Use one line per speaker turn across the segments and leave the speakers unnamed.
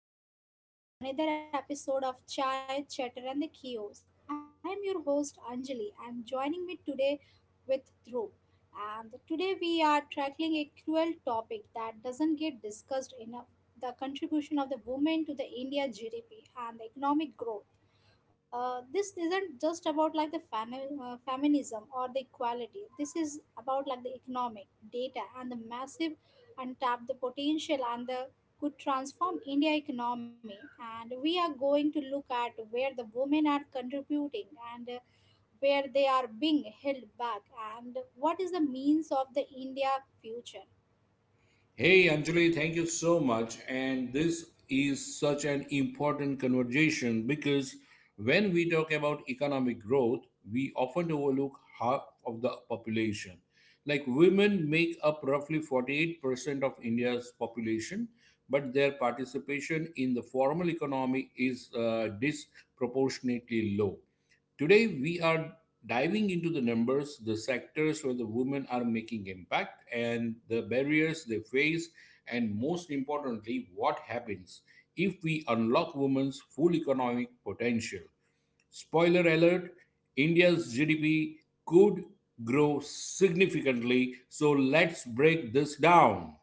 namaste, and welcome to the another episode of Chai, Chatter, and the Kiosk. I am your host Anjali, and joining me today with Dhruv. And today we are tackling a cruel topic that doesn't get discussed enough: the contribution of the women to the India GDP and the economic growth. This isn't just about like the feminism or the equality. This is about like the economic data and the massive untapped the potential and the could transform india economy. And we are going to look at where the women are contributing and where they are being held back and what is the means of the india future.
Hey Anjali, thank you so much. And this is such an important conversation because when we talk about economic growth, we often overlook half of the population. Like women make up roughly 48% of India's population, but their participation in the formal economy is disproportionately low. Today, we are diving into the numbers, the sectors where the women are making impact, and the barriers they face, and most importantly, what happens if we unlock women's full economic potential. Spoiler alert, India's GDP could grow significantly, so let's break this down.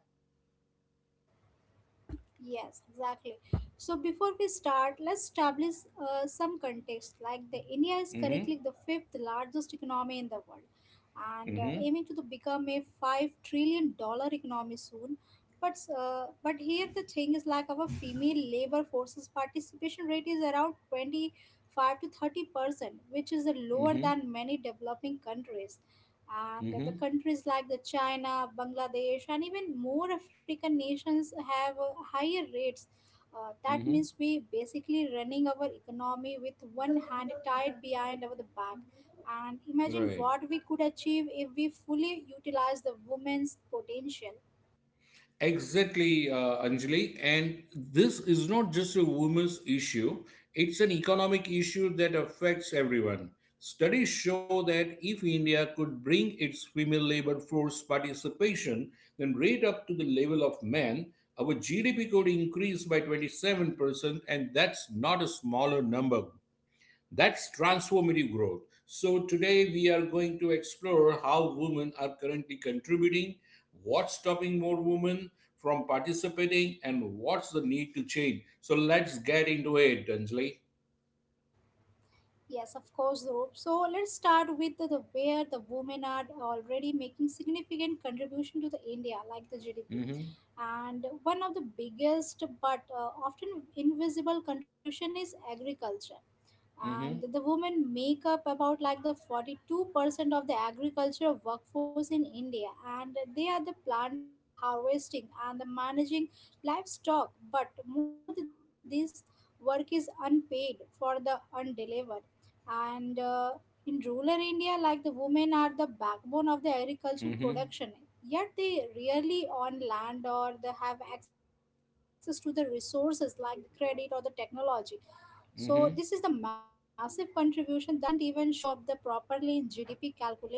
Yes, exactly. So before we start, let's establish some context. Like the India is
Hmm.
currently the fifth largest economy in the world, and
Hmm.
aiming to the become a $5 trillion economy soon. But here the thing is like our female labor forces participation rate is around 25 to 30%, which is lower
Hmm.
than many developing countries, and the
Hmm.
countries like the china, bangladesh, and even more african nations have higher rates. That
Hmm.
means we basically running our economy with one hand tied behind our the back, and imagine
Right.
what we could achieve if we fully utilize the women's potential.
Exactly, Anjali. And this is not just a women's issue, it's an economic issue that affects everyone. Studies show that if India could bring its female labor force participation then rate up to the level of men, our GDP could increase by 27%, and that's not a smaller number. That's transformative growth. So, today we are going to explore how women are currently contributing, what's stopping more women from participating, and what's the need to change. So, let's get into it, Dunsley.
Yes, of course, Dhruv. So let's start with the where the women are already making significant contribution to the India, like the GDP.
Mm
And one of the biggest but often invisible contribution is agriculture.
hmm, mm hmm,
And the women make up about like the 42% of the agriculture workforce in India. And they are the planting, harvesting, and the managing livestock. But most of this work is unpaid for the undelivered and in rural india, like the women are the backbone of the
mm
agricultural
hmm,
production, yet they rarely own land or they have access to the resources like the credit or the technology. So this is the
mm hmm.
massive contribution that doesn't even show up the properly in GDP calculation.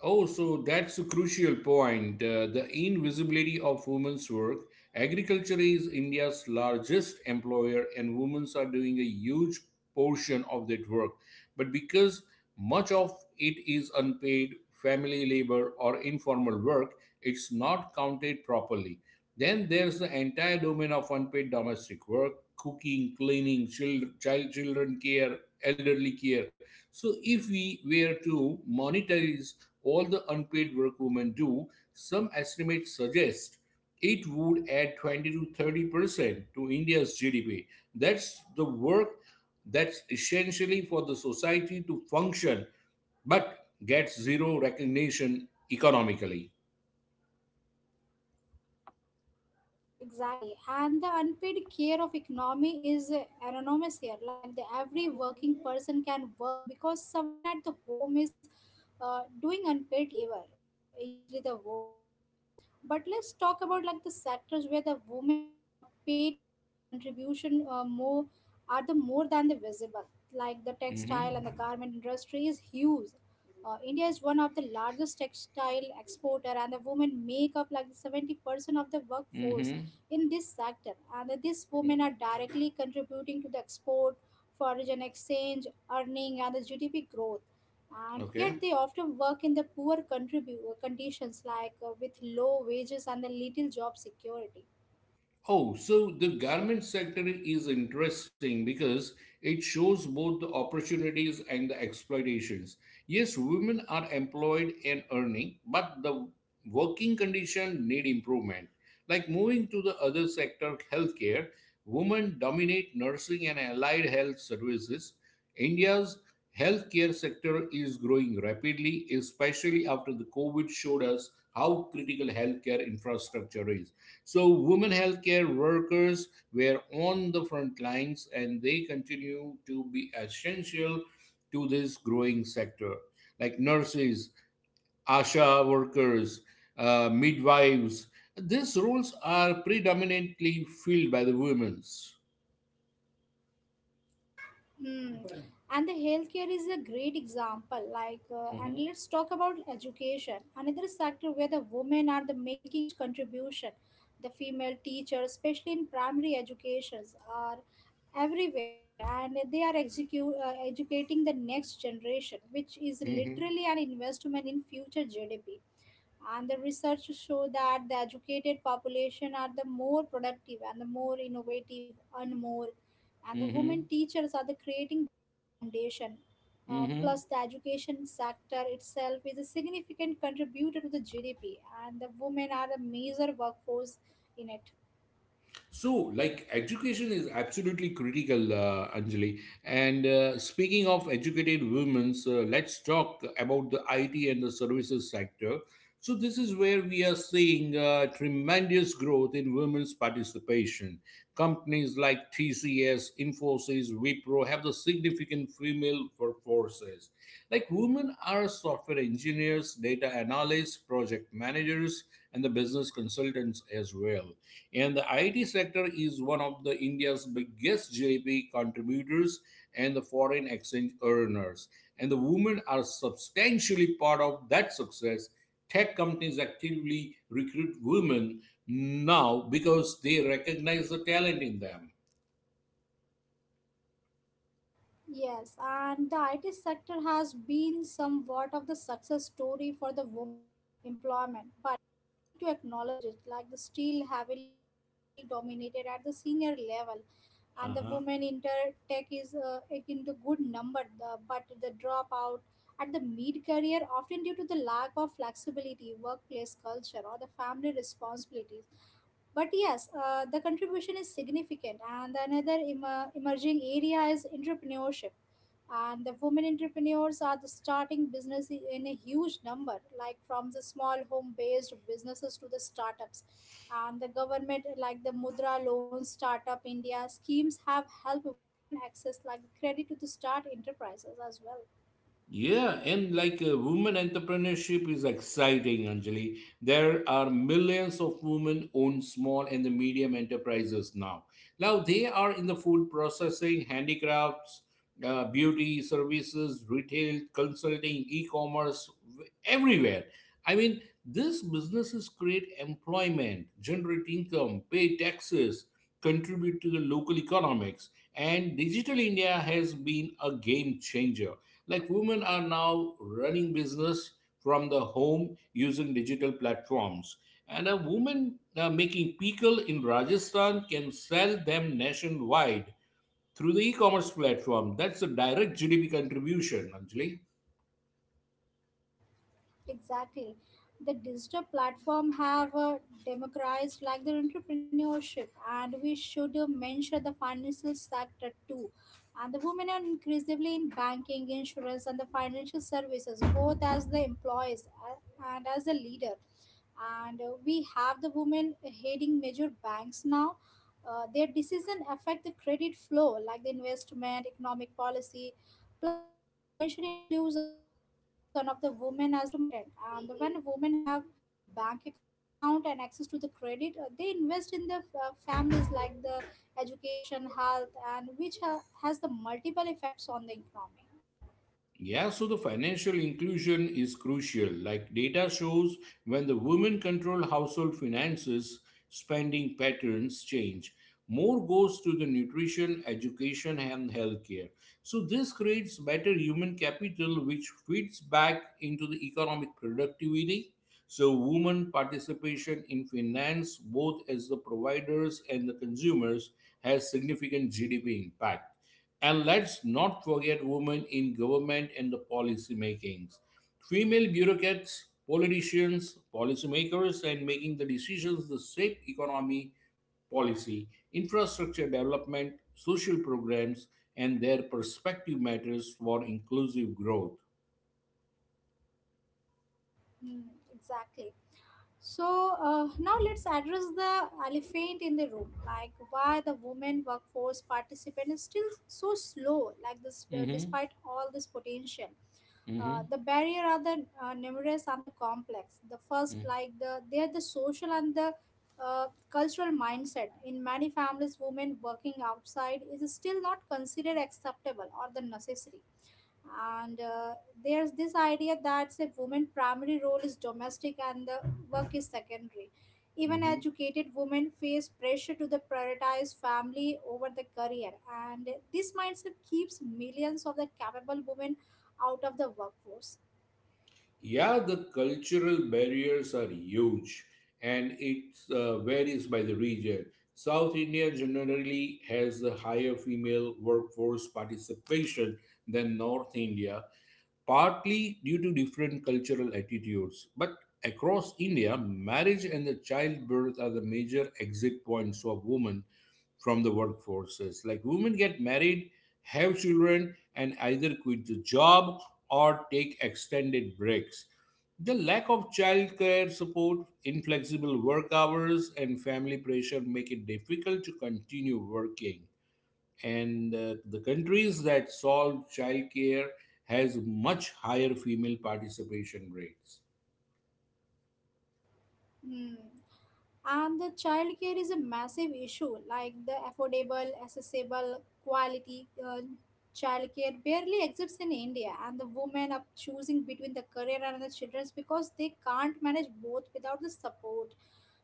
Oh, so that's a crucial point. The invisibility of women's work. Agriculture is India's largest employer, and women are doing a huge portion of that work. But because much of it is unpaid, family labor, or informal work, it's not counted properly. Then there's the entire domain of unpaid domestic work: cooking, cleaning, children care, elderly care. So, if we were to monetize all the unpaid work women do, some estimates suggest it would add 20 to 30% to India's GDP. That's the work that's essentially for the society to function but gets zero recognition economically.
Hmm, exactly. And the unpaid care of economy is anonymous here. Like the every working person can work because someone at the home is doing unpaid labor, usually the woman. But let's talk about like the sectors where the women paid contribution more are the more than the visible. Like the
Hmm.
textile and the garment industry is huge. India is one of the largest textile exporter, and the women make up like 70% of the workforce
Hmm.
in this sector. And these women are directly contributing to the export, foreign exchange, earning, and the GDP growth. And
Okay.
yet they often work in the poor conditions, like with low wages and the little job security.
Oh, so the garment sector is interesting because it shows both the opportunities and the exploitations. Yes, women are employed and earning, but the working condition need improvement. Like moving to the other sector, healthcare, women dominate nursing and allied health services. India's healthcare sector is growing rapidly, especially after the COVID showed us how critical healthcare infrastructure is, so women healthcare workers were on the front lines and they continue to be essential to this growing sector. Like nurses, ASHA workers, midwives, these roles are predominantly filled by the women.
Hmm. And the healthcare is a great example. Like,
Hmm.
and let's talk about education, another sector where the women are the making huge contribution. The female teachers, especially in primary educations, are everywhere, and they are educating the next generation, which is
Hmm.
literally an investment in future GDP. And the research show that the educated population are the more productive and the more innovative and more, and the
Hmm.
women teachers are the creating that foundation.
Hmm.
Plus the education sector itself is a significant contributor to the GDP, and the women are the major workforce in it.
So, like, education is absolutely critical, Anjali. And speaking of educated women, let's talk about the IT and the services sector. So, this is where we are seeing tremendous growth in women's participation. Companies like TCS, Infosys, Wipro have the significant female workforces. Like, women are software engineers, data analysts, project managers, and the business consultants as well, and the IT sector is one of the India's biggest GDP contributors and the foreign exchange earners. And the women are substantially part of that success. Tech companies actively recruit women now because they recognize the talent in them.
Yes, and the IT sector has been somewhat of the success story for the women employment, but we need to acknowledge it like the still heavily male dominated at the senior level, and the
Uh-huh.
women in the tech is like into good number but the dropout at the mid career often due to the lack of flexibility workplace culture or the family responsibilities. But yes, the contribution is significant, and another emerging area is entrepreneurship, and the women entrepreneurs are the starting business in a huge number, like from the small home based businesses to the startups. And the government like the mudra loan startup india schemes have helped women access like credit to the start enterprises as well.
Yeah, and like women entrepreneurship is exciting, Anjali. There are millions of women own small and the medium enterprises now. Now they are in the food processing, handicrafts, beauty services, retail, consulting, e-commerce, everywhere. I mean, these businesses create employment, generate income, pay taxes, contribute to the local economics, and digital India has been a game changer. Like women are now running business from the home using digital platforms. And a woman making pickle in Rajasthan can sell them nationwide through the e-commerce platform. That's a direct GDP contribution, actually.
Exactly. The digital platform have democratized like the entrepreneurship, and we should mention the financial sector too. And the women are increasingly in banking, insurance, and the financial services, both as the employees and as a leader. And we have the women heading major banks now. Their decision affect the credit flow like the investment, economic policy, plus the financial inclusion of the women as the customer is important. And when women have bank account and access to the credit, they invest in the families like the education, health, and which has the multiple effects on the economy.
Yeah, so the financial inclusion is crucial. Like data shows, when the women control household finances, spending patterns change. More goes to the nutrition, education, and healthcare. So, this creates better human capital, which feeds back into the economic productivity. So, women participation in finance, both as the providers and the consumers, has significant GDP impact. And let's not forget women in government and the policy makings. Female bureaucrats, politicians, policymakers, and making the decisions that shape economy, policy, infrastructure development, social programs, and their perspective matters for inclusive growth.
Hmm, exactly. So now let's address the elephant in the room, like why the women workforce participant is still so slow, like this,
Hmm.
despite all this potential.
Hmm.
The barrier are the numerous and the complex. The first, like the they are the social and the cultural mindset. In many families, women working outside is still not considered acceptable or the necessary, and there's this idea that say women primary role is domestic and the work is secondary. Even
Hmm.
educated women face pressure to the prioritize family over the career, and this mindset keeps millions of the capable women out of the workforce.
Yeah, the cultural barriers are huge, and it varies by the region. South India generally has a higher female workforce participation than North India, partly due to different cultural attitudes. But across India, marriage and the childbirth are the major exit points of women from the workforces. Like women get married, have children, and either quit the job or take extended breaks. The lack of childcare support, inflexible work hours, and family pressure make it difficult to continue working. And the countries that solve childcare has much higher female participation rates.
Hmm. And the childcare is a massive issue, like the affordable accessible quality childcare barely exists in india, and the women are choosing between the career and the children's because they can't manage both without the support.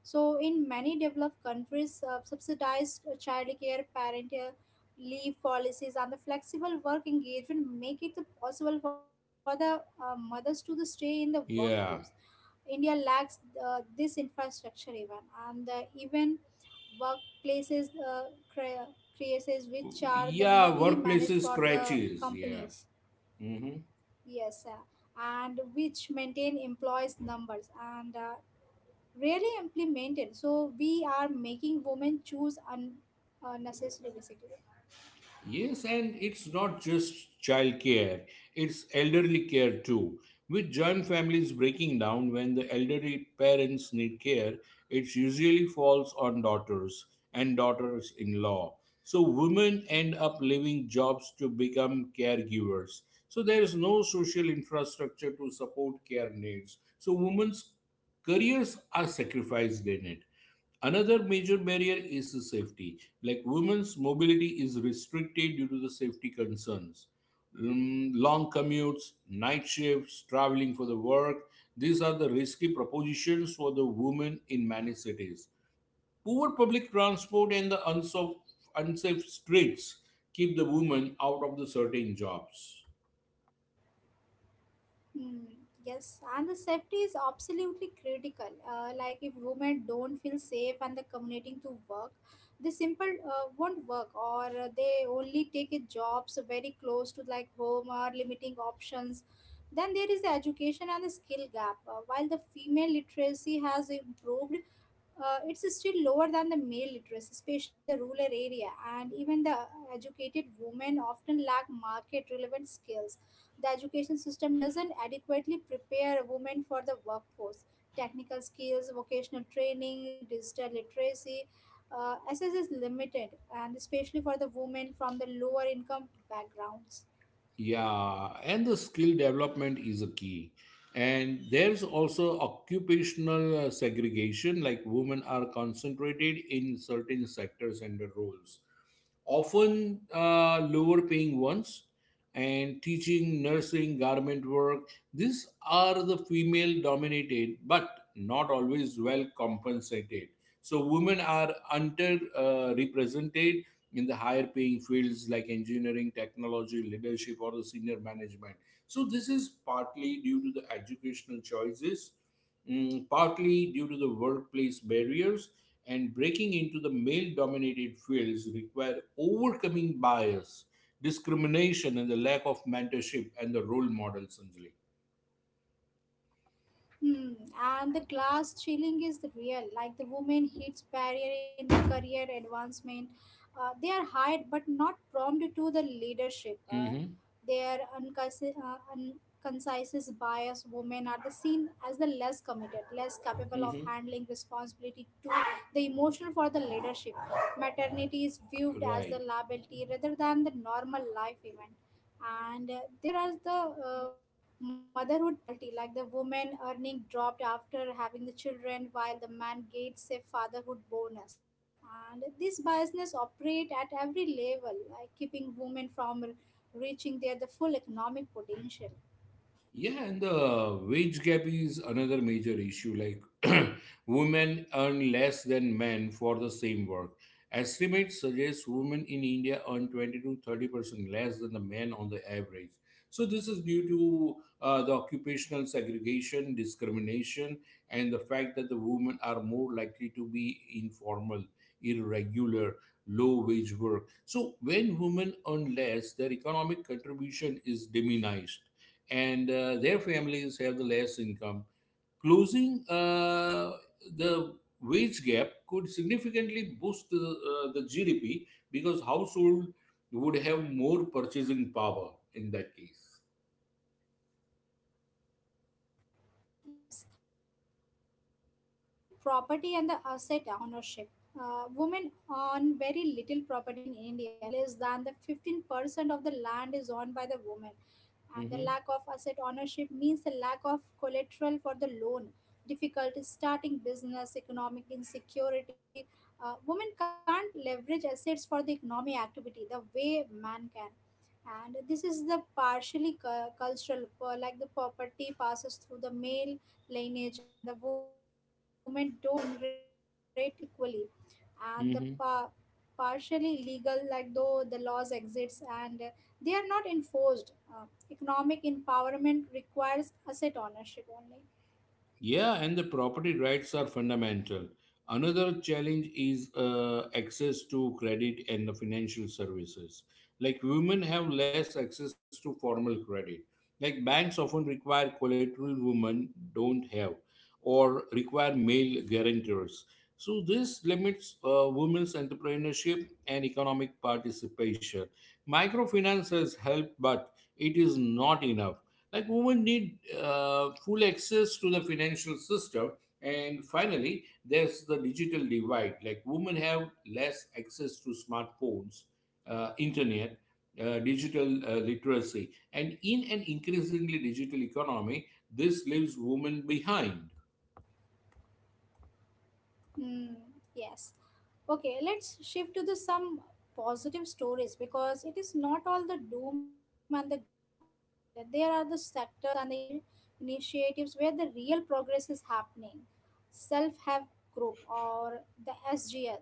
So, in many developed countries, subsidized childcare, parental leave policies, and the flexible work engagement make it possible for the mothers to stay in the workforce.
Yeah,
India lacks this infrastructure even, and even workplaces cre- creases which are the
yeah,
legally managed for
workplaces
the
scratches. Yeah.
companies.
Mhm.
Yes, and which maintain employees numbers and really implemented. So we are making women choose unnecessary basically.
Yes, and it's not just childcare, it's elderly care too. With joint families breaking down when the elderly parents need care, it usually falls on daughters and daughters in law. So women end up leaving jobs to become caregivers. So there is no social infrastructure to support care needs. So women's careers are sacrificed in it. Another major barrier is the safety. Like women's mobility is restricted due to the safety concerns. Long commutes, night shifts, traveling for the work, these are the risky propositions for the women in many cities. Poor public transport and the unsafe streets keep the women out of the certain jobs.
Hmm. Yes, and the safety is absolutely critical. Like if women don't feel safe and the commuting to work, the simple won't work, or they only take a jobs very close to like home or limiting options. Then there is the education and the skill gap. While the female literacy has improved, it's still lower than the male literacy, especially in the rural area. And even the educated women often lack market relevant skills. The education system doesn't adequately prepare women for the workforce. Technical skills, vocational training, digital literacy, access is limited, and especially for the women from the lower income backgrounds.
Yeah, and the skill development is a key. And there's also occupational segregation, like women are concentrated in certain sectors and roles often lower paying ones, and teaching, nursing, garment work. These are the female dominated, but not always well compensated. So women are under represented in the higher paying fields like engineering, technology, leadership, or the senior management. So this is partly due to the educational choices, mm, partly due to the workplace barriers, and breaking into the male dominated fields require overcoming bias discrimination and the lack of mentorship and the role models, sanjali.
Hmm. And the glass ceiling is the real, like the woman hits barrier in the career advancement. They are hired but not prompted to the leadership. Uh,
Mm-hmm.
their unconcis- uh, unconcise bias, women are the seen as the less committed, less capable of
Mm-hmm.
handling responsibility to the emotional for the leadership. Maternity is viewed as the
Right.
liability rather than the normal life event, and there is the uh, motherhood penalty, like the woman earning dropped after having the children while the man gets a fatherhood bonus. And these biases operate at every level, like keeping women from reaching their the full economic potential.
Yeah, and the wage gap is another major issue. Like women earn less than men for the same work. Estimates suggest women in India earn 20 to 30% less than the men on the average. So this is due to the occupational segregation, discrimination, and the fact that the women are more likely to be informal, irregular, low wage work. So when women earn less, their economic contribution is diminished, and their families have the less income. Closing the wage gap could significantly boost the GDP because household would have more purchasing power in that case.
Yes, and let's talk about like the property and the asset ownership. Women own very little property in India. Less than the 15% of the land is owned by the women, and the
Hmm.
lack of asset ownership means the lack of collateral for the loan, difficulty starting business, economic insecurity. Women can't leverage assets for the economic activity the way man can, and this is the partially cultural, like the property passes through the male lineage and the women don't inherit equally, and the partially illegal, like though the laws exists and they are not enforced. Economic empowerment requires asset ownership only.
Yeah, and the property rights are fundamental. Another challenge is access to credit and the financial services. Like women have less access to formal credit. Like banks often require collateral women don't have or require male guarantors. So this limits women's entrepreneurship and economic participation. Microfinance has helped, but it is not enough. Like women need full access to the financial system. And finally, there's the digital divide. Like women have less access to smartphones, internet, digital literacy. And in an increasingly digital economy, this leaves women behind.
Hmm. Yes. Okay, let's shift to the some positive stories because it is not all the doom and the gloom, and there are the sectors and the initiatives where the real progress is happening. Self-help group or the SGL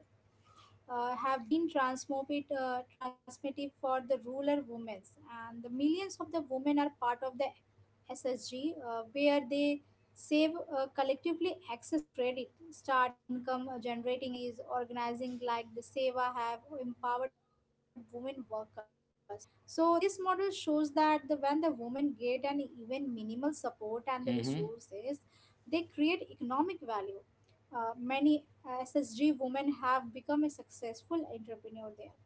have been transmitted transmitted for the rural women, and the millions of the women are part of the SSG, where they save collectively access credit, start income generating activities, organizing like the Seva have empowered women workers. So this model shows that the, when the women get an even minimal support and the
Mhm.
resources, they create economic value. Many SSG women have become a successful entrepreneur there.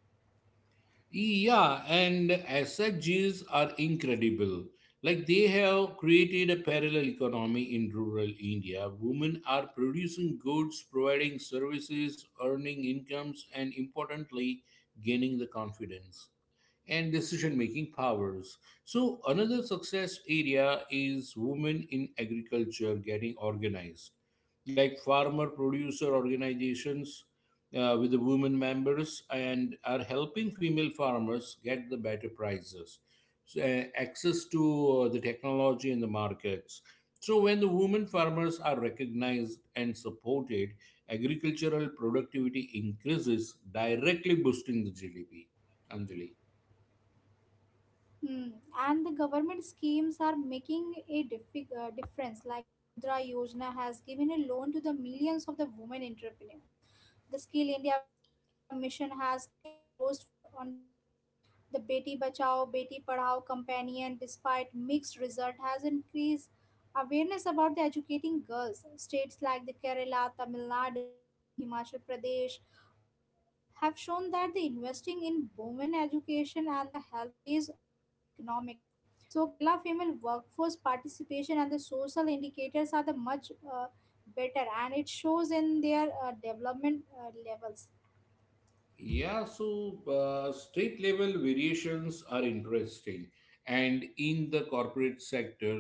Yeah, and SHGs are incredible. Like they have created a parallel economy in rural India. Women are producing goods, providing services, earning incomes, and importantly, gaining the confidence and decision making powers. So, another success area is women in agriculture getting organized, like farmer producer organizations with the women members and are helping female farmers get the better prices, so, access to the technology in the markets. So, when the women farmers are recognized and supported, agricultural productivity increases, directly boosting the GDP. Anjali.
Hmm. And the government schemes are making a difference. Like the Mudra Yojana has given a loan to the millions of the women entrepreneurs. The Skill India mission has company enforced for, on women. The Beti Bachao, Beti Padhao companion, despite mixed result, has increased awareness about the educating girls. States like the Kerala, Tamil Nadu, and the Himachal Pradesh have shown that the investing in women education and the health pays off economically. So Kerala female workforce participation and the social indicators are the much better, and it shows in their development levels.
Yeah, so state level variations are interesting. And in the corporate sector,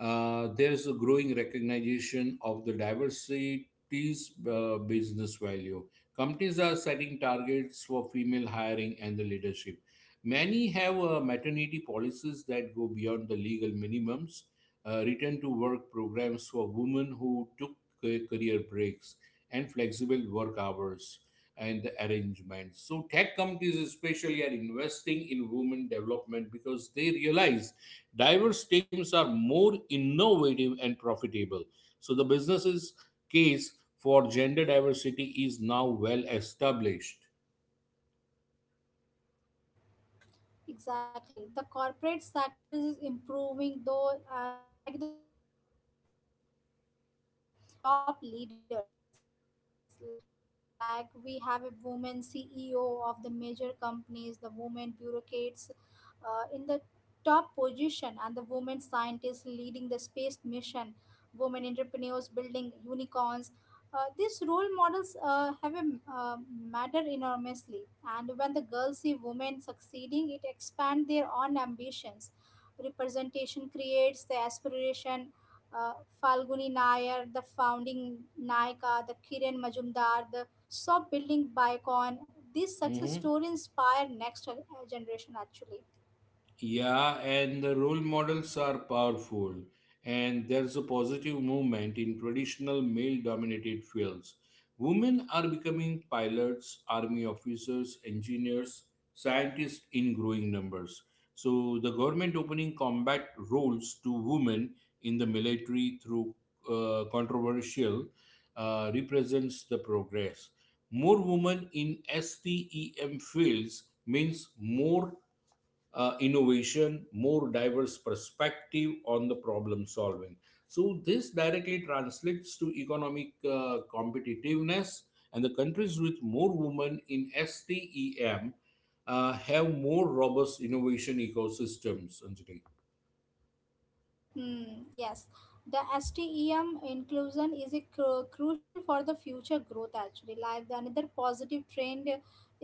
there is a growing recognition of the diversity's business value. Companies are setting targets for female hiring and the leadership. Many have maternity policies that go beyond the legal minimums, return to work programs for women who took career breaks, and flexible work hours and the arrangements. So, tech companies especially are investing in women development because they realize diverse teams are more innovative and profitable. So the business's case for gender diversity is now well established.
Exactly. The corporate sector is improving, though, like the unevenly. And then let's celebrate the women who have reached the top leadership. Like we have a woman CEO of the major companies, the women bureaucrats in the top position, and the women scientists leading the space mission, women entrepreneurs building unicorns, these role models have a uh, matter enormously, and when the girls see women succeeding, it expands their own ambitions. Representation creates the aspiration. Uh, Falguni Nair, the founding Naika, the Kiran Majumdar, the soft building Bicon. These success
Mhm.
stories inspire next generation actually.
Yeah, and the role models are powerful, and there's a positive movement in traditional male dominated fields. Women are becoming pilots, army officers, engineers, scientists in growing numbers. So, the government opening combat roles to women in the military through controversial represents the progress. More women in STEM fields means more innovation, more diverse perspective on the problem solving. So this directly translates to economic competitiveness, and the countries with more women in STEM have more robust innovation ecosystems. Anjali.
Yes, the STEM inclusion is a crucial for the future growth actually. Like the another positive trend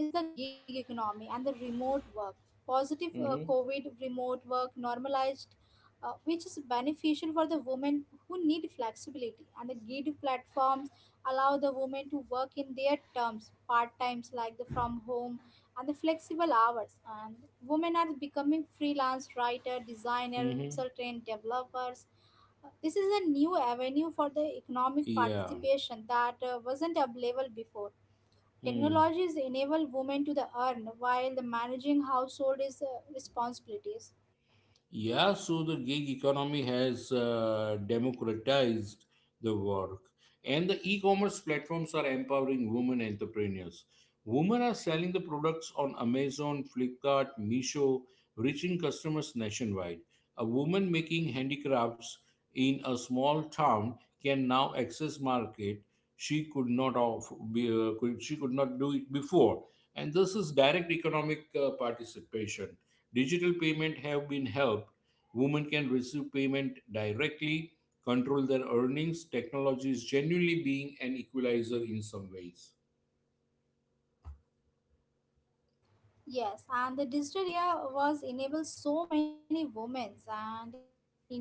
is the gig economy and the remote work. Positive
Mm-hmm.
COVID remote work normalized, which is beneficial for the women who need flexibility. And the gig platforms allow the women to work in their terms, part times like the from home and the flexible hours and women are becoming freelance writer designer
Mm-hmm.
consultant developers. This is a new avenue for the economic
Yeah.
participation that wasn't available before. Technologies enable women to the earn while the managing household is responsibilities.
Yeah, so the gig economy has democratized the work, and the e commerce platforms are empowering women entrepreneurs. Women are selling the products on Amazon, Flipkart, Meesho, reaching customers nationwide. A woman making handicrafts in a small town can now access market she could not of, she could not do it before, and this is direct economic participation. Digital payment have been helped. Women can receive payment directly, control their earnings. Technology is genuinely being an equalizer in some ways.
Yes, and the digital India was enabled so many women, and in India,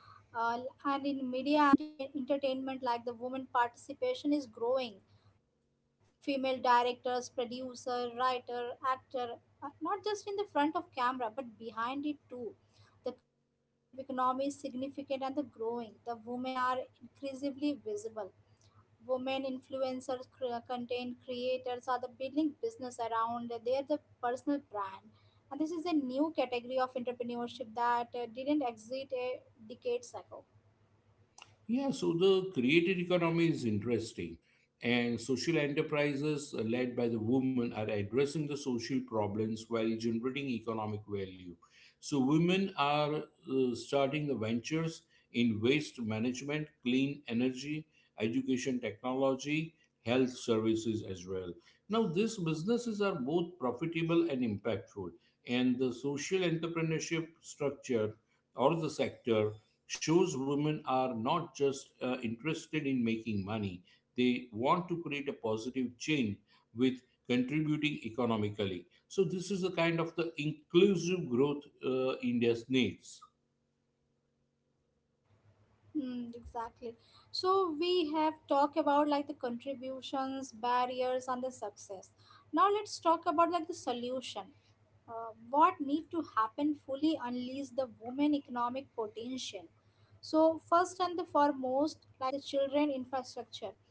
uh, and in media and the entertainment, like the women participation is growing. Female directors, producer, writer, actor, not just in the front of camera but behind it too. The creative economy is significant and the growing. The women are increasingly visible. Women influencers content creators are the building business around their the personal brand, and this is a new category of entrepreneurship that didn't exist decades ago.
Yeah, so the creative economy is interesting, and social enterprises led by the women are addressing the social problems while generating economic value. So, women are starting the ventures in waste management, clean energy, education technology, health services as well. Now, these businesses are both profitable and impactful, and the social entrepreneurship structure or the sector shows women are not just interested in making money, they want to create a positive change with contributing economically. So, this is the kind of the inclusive growth India's needs.
Hmm, exactly. So we have talked about like the contributions, barriers, and the success. Now let's talk about like the solution. What need to happen fully unleash the women economic potential? So first and the foremost, like the children infrastructure,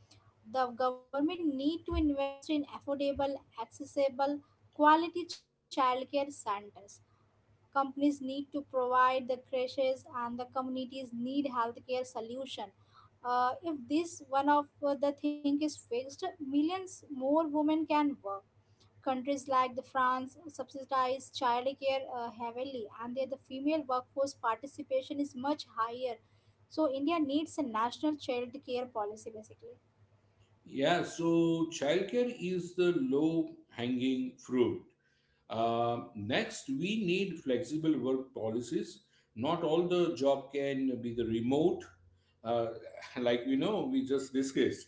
the government need to invest in affordable, accessible, quality childcare centers. Companies need to provide the crashes, and the communities need healthcare solution. If this one of the thing is fixed, millions more women can work. Countries like the France subsidize childcare heavily, and there the female workforce participation is much higher. So India needs a national child care policy basically.
Yeah, so childcare is the low hanging fruit. Next, we need flexible work policies. Not all the job can be the remote, uh, like we know we just discussed,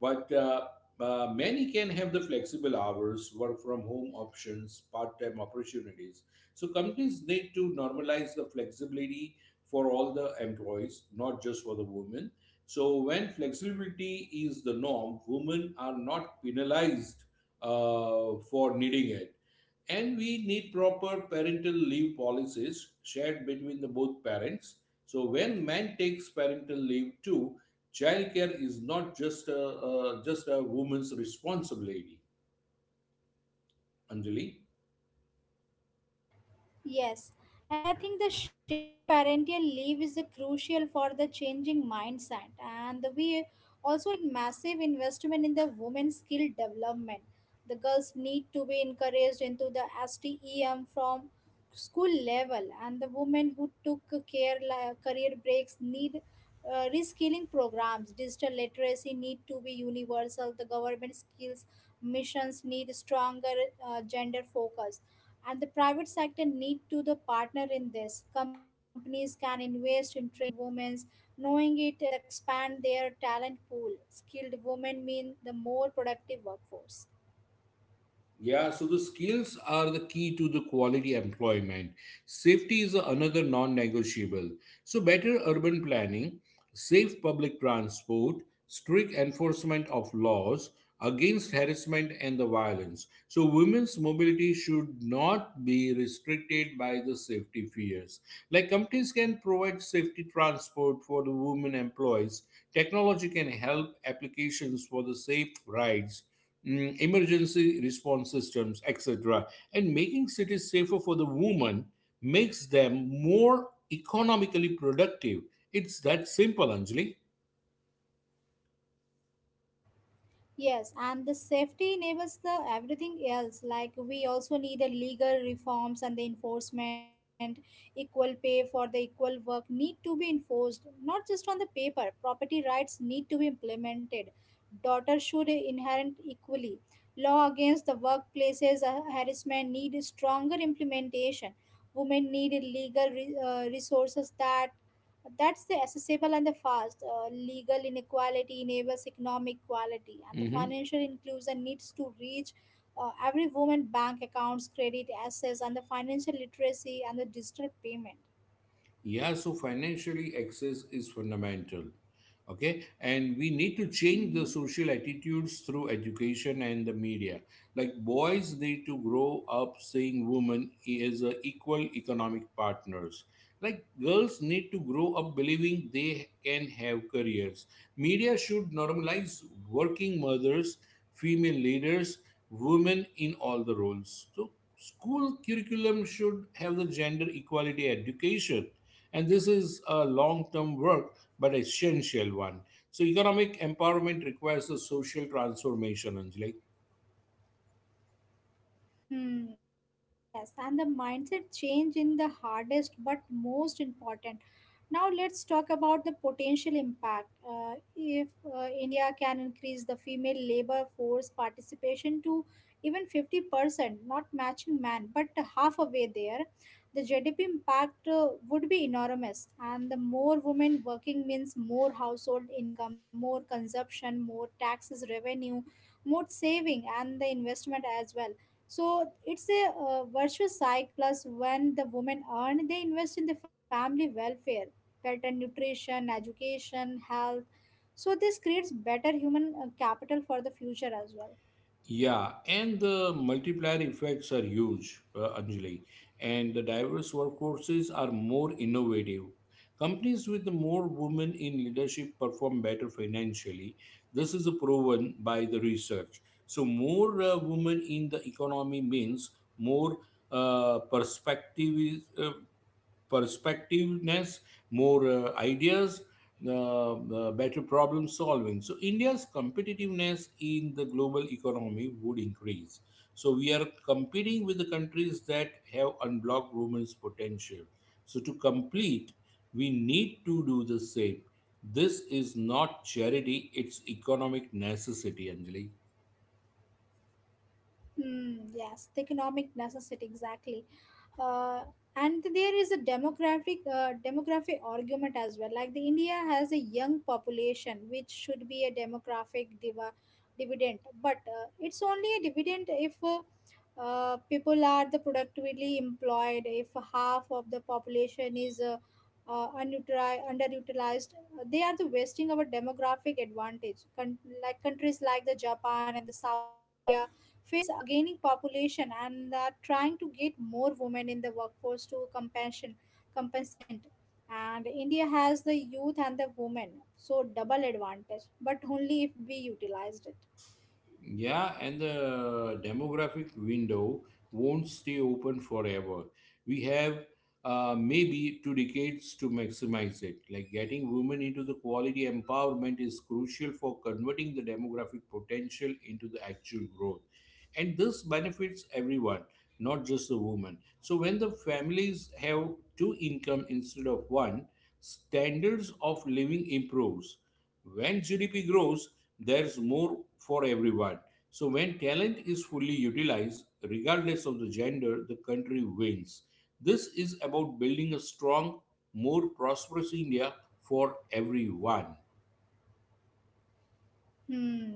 but many can have the flexible hours, work from home options, part-time opportunities. So companies need to normalize the flexibility for all the employees, not just for the women. So when flexibility is the norm, women are not penalized for needing it, and we need proper parental leave policies shared between the both parents. So when man takes parental leave too, childcare is not just just a woman's responsibility, Anjali.
Yes, and I think the shared parental leave is a crucial for the changing mindset, and we also need massive investment in the women's skill development. The girls need to be encouraged into the STEM from school level, and the women who took career breaks need reskilling programs. Digital literacy need to be universal. The government skills missions need stronger gender focus, and the private sector need to the partner in this. Companies can invest in training women, knowing it they expand their talent pool. Skilled women mean the more productive workforce.
Yeah, so the skills are the key to the quality employment. Safety is another non-negotiable, so better urban planning, safe public transport, strict enforcement of laws against harassment and the violence. So women's mobility should not be restricted by the safety fears. Like companies can provide safety transport for the women employees, technology can help applications for the safe rides, emergency response systems, etc. And making cities safer for the woman makes them more economically productive. It's that simple, Anjali.
Yes, and the safety enables the everything else. Like we also need a legal reforms and the enforcement. Equal pay for the equal work need to be enforced, not just on the paper. Property rights need to be implemented. Daughters should inherit equally. Law against the workplaces harassment need stronger implementation. Women need resources that that's the accessible and the fast. Legal inequality enables economic equality, and the
Hmm.
financial inclusion needs to reach every woman bank accounts, credit access, and the financial literacy and the digital payment.
Yeah, so financially, access is fundamental. Okay, and we need to change the
Mhm.
social attitudes through education and the media. Like, boys need to grow up seeing women as a equal economic partners. Like girls need to grow up believing they can have careers. Media should normalize working mothers, female leaders, women in all the roles. So school curriculum should have the gender equality education, and this is a long term work, but essential one. So economic empowerment requires a social transformation, Anjali.
Hmm, yes, and the mindset change in the hardest but most important. Now let's talk about the potential impact. If India can increase the female labor force participation to even 50%, not matching man, but half a there, the GDP impact would be enormous. And the more women working means more household income, more consumption, more taxes revenue, more saving, and the investment as well. So it's a virtuous cycle. Plus, when the women earn, they invest in the family welfare, better nutrition education health. So this creates better human capital for the future as well.
Yeah, and the multiplier effects are huge, Anjali. And the diverse workforces are more innovative. Companies with more women in leadership perform better financially. This is proven by the research. So, more women in the economy means more uh, perspective perspectiveness, more ideas, better problem solving. So, India's competitiveness in the global economy would increase. So, we are competing with the countries that have unblocked women's potential. So, to complete, we need to do the same. This is not charity, it's economic necessity, Anjali.
Hmm, yes, the economic necessity exactly, uh, and there is a demographic argument as well. Like the India has a young population, which should be a demographic diva, dividend, but it's only a dividend if people are the productively employed. If half of the population is underutilized, they are the wasting our demographic advantage. Like countries like the Japan and the South Korea face a gaining population and are trying to get more women in the workforce to compassion compensate, and india has the youth and the women so double advantage but only if we utilized it.
Yeah, and the demographic window won't stay open forever. We have maybe two decades to maximize it. Like getting women into the quality empowerment is crucial for converting the demographic potential into the actual growth. And this benefits everyone, not just the woman. So when the families have two income instead of one, standards of living improves. When GDP grows, there's more for everyone. So when talent is fully utilized, regardless of the gender, the country wins. This is about building a strong, more prosperous India for everyone.
Hmm.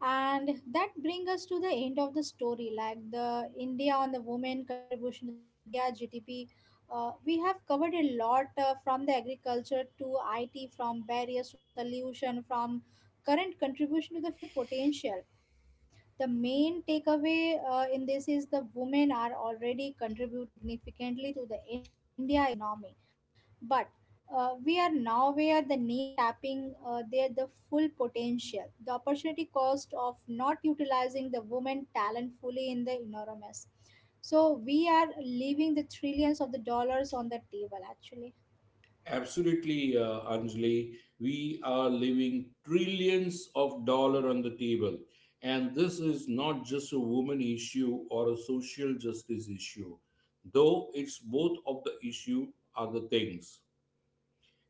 And that brings us to the end of the story, like the India on the women contribution to the India GDP. We have covered a lot from the agriculture to IT, from barriers to the solution, from current contribution to the future potential. The main takeaway in this is the women are already contributing significantly to the India economy, but we are now. Nowhere the near tapping their the full potential. The opportunity cost of not utilizing the woman talent fully in the enormous. So we are leaving the trillions of the dollars on the table actually.
Absolutely, Anjali. We are leaving trillions of dollar on the table, and this is not just a woman issue or a social justice issue, though it's both of the issue are the things.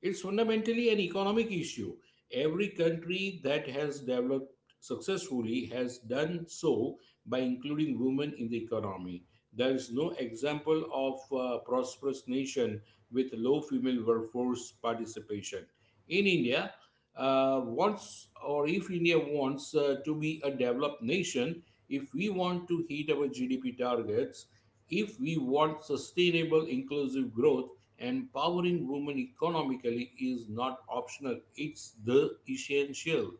It's fundamentally an economic issue. Every country that has developed successfully has done so by including women in the economy. There is no example of a prosperous nation with low female workforce participation. In India, once or if India wants to be a developed nation, if we want to hit our GDP targets, if we want sustainable inclusive growth, empowering women economically is not optional, it's the essential.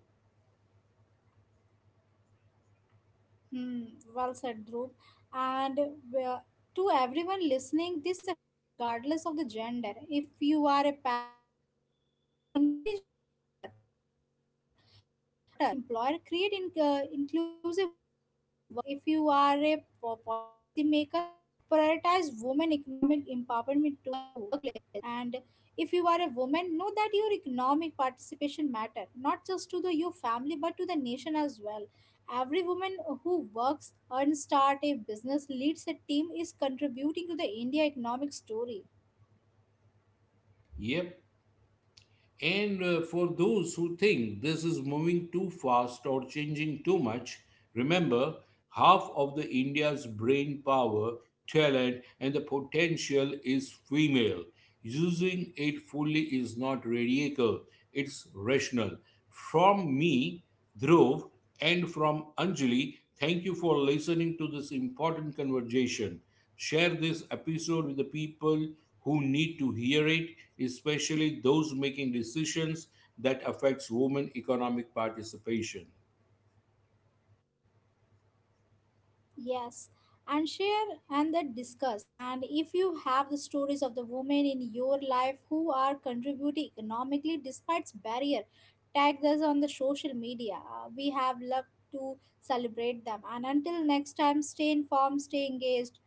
Hmm, well said, Dhruv. And to everyone listening, this affects you the regardless of the gender. If you are a parent, encourage your daughter as much as your sons. And if you are an employer, create inclusive workplace. If you are a policymaker, prioritize women economic empowerment too. And if you are a woman, know that your economic participation matter not just to the your family but to the nation as well. Every woman who works and starts a business, leads a team, is contributing to the India economic story.
Yep. And for those who think this is moving too fast or changing too much, remember half of the India's brain power, talent, and the potential is female. Using it fully is not radical, it's rational. From me, Dhruv, and from Anjali, thank you for listening to this important conversation. Share this episode with the people who need to hear it, especially those making decisions that affects women economic participation.
Yes, and share and then discuss. And if you have the stories of the women in your life who are contributing economically despite barrier, tag us on the social media. We have loved to celebrate them. And until next time, stay informed, stay engaged,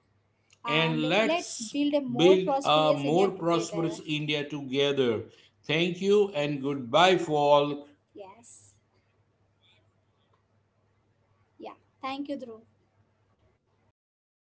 and
And
let's
let's
build a more
build a
prosperous
more
India
prosperous
together.
India together. Thank you and goodbye, folk.
Yes. Yeah. Thank you, Dhruv.
Thank you.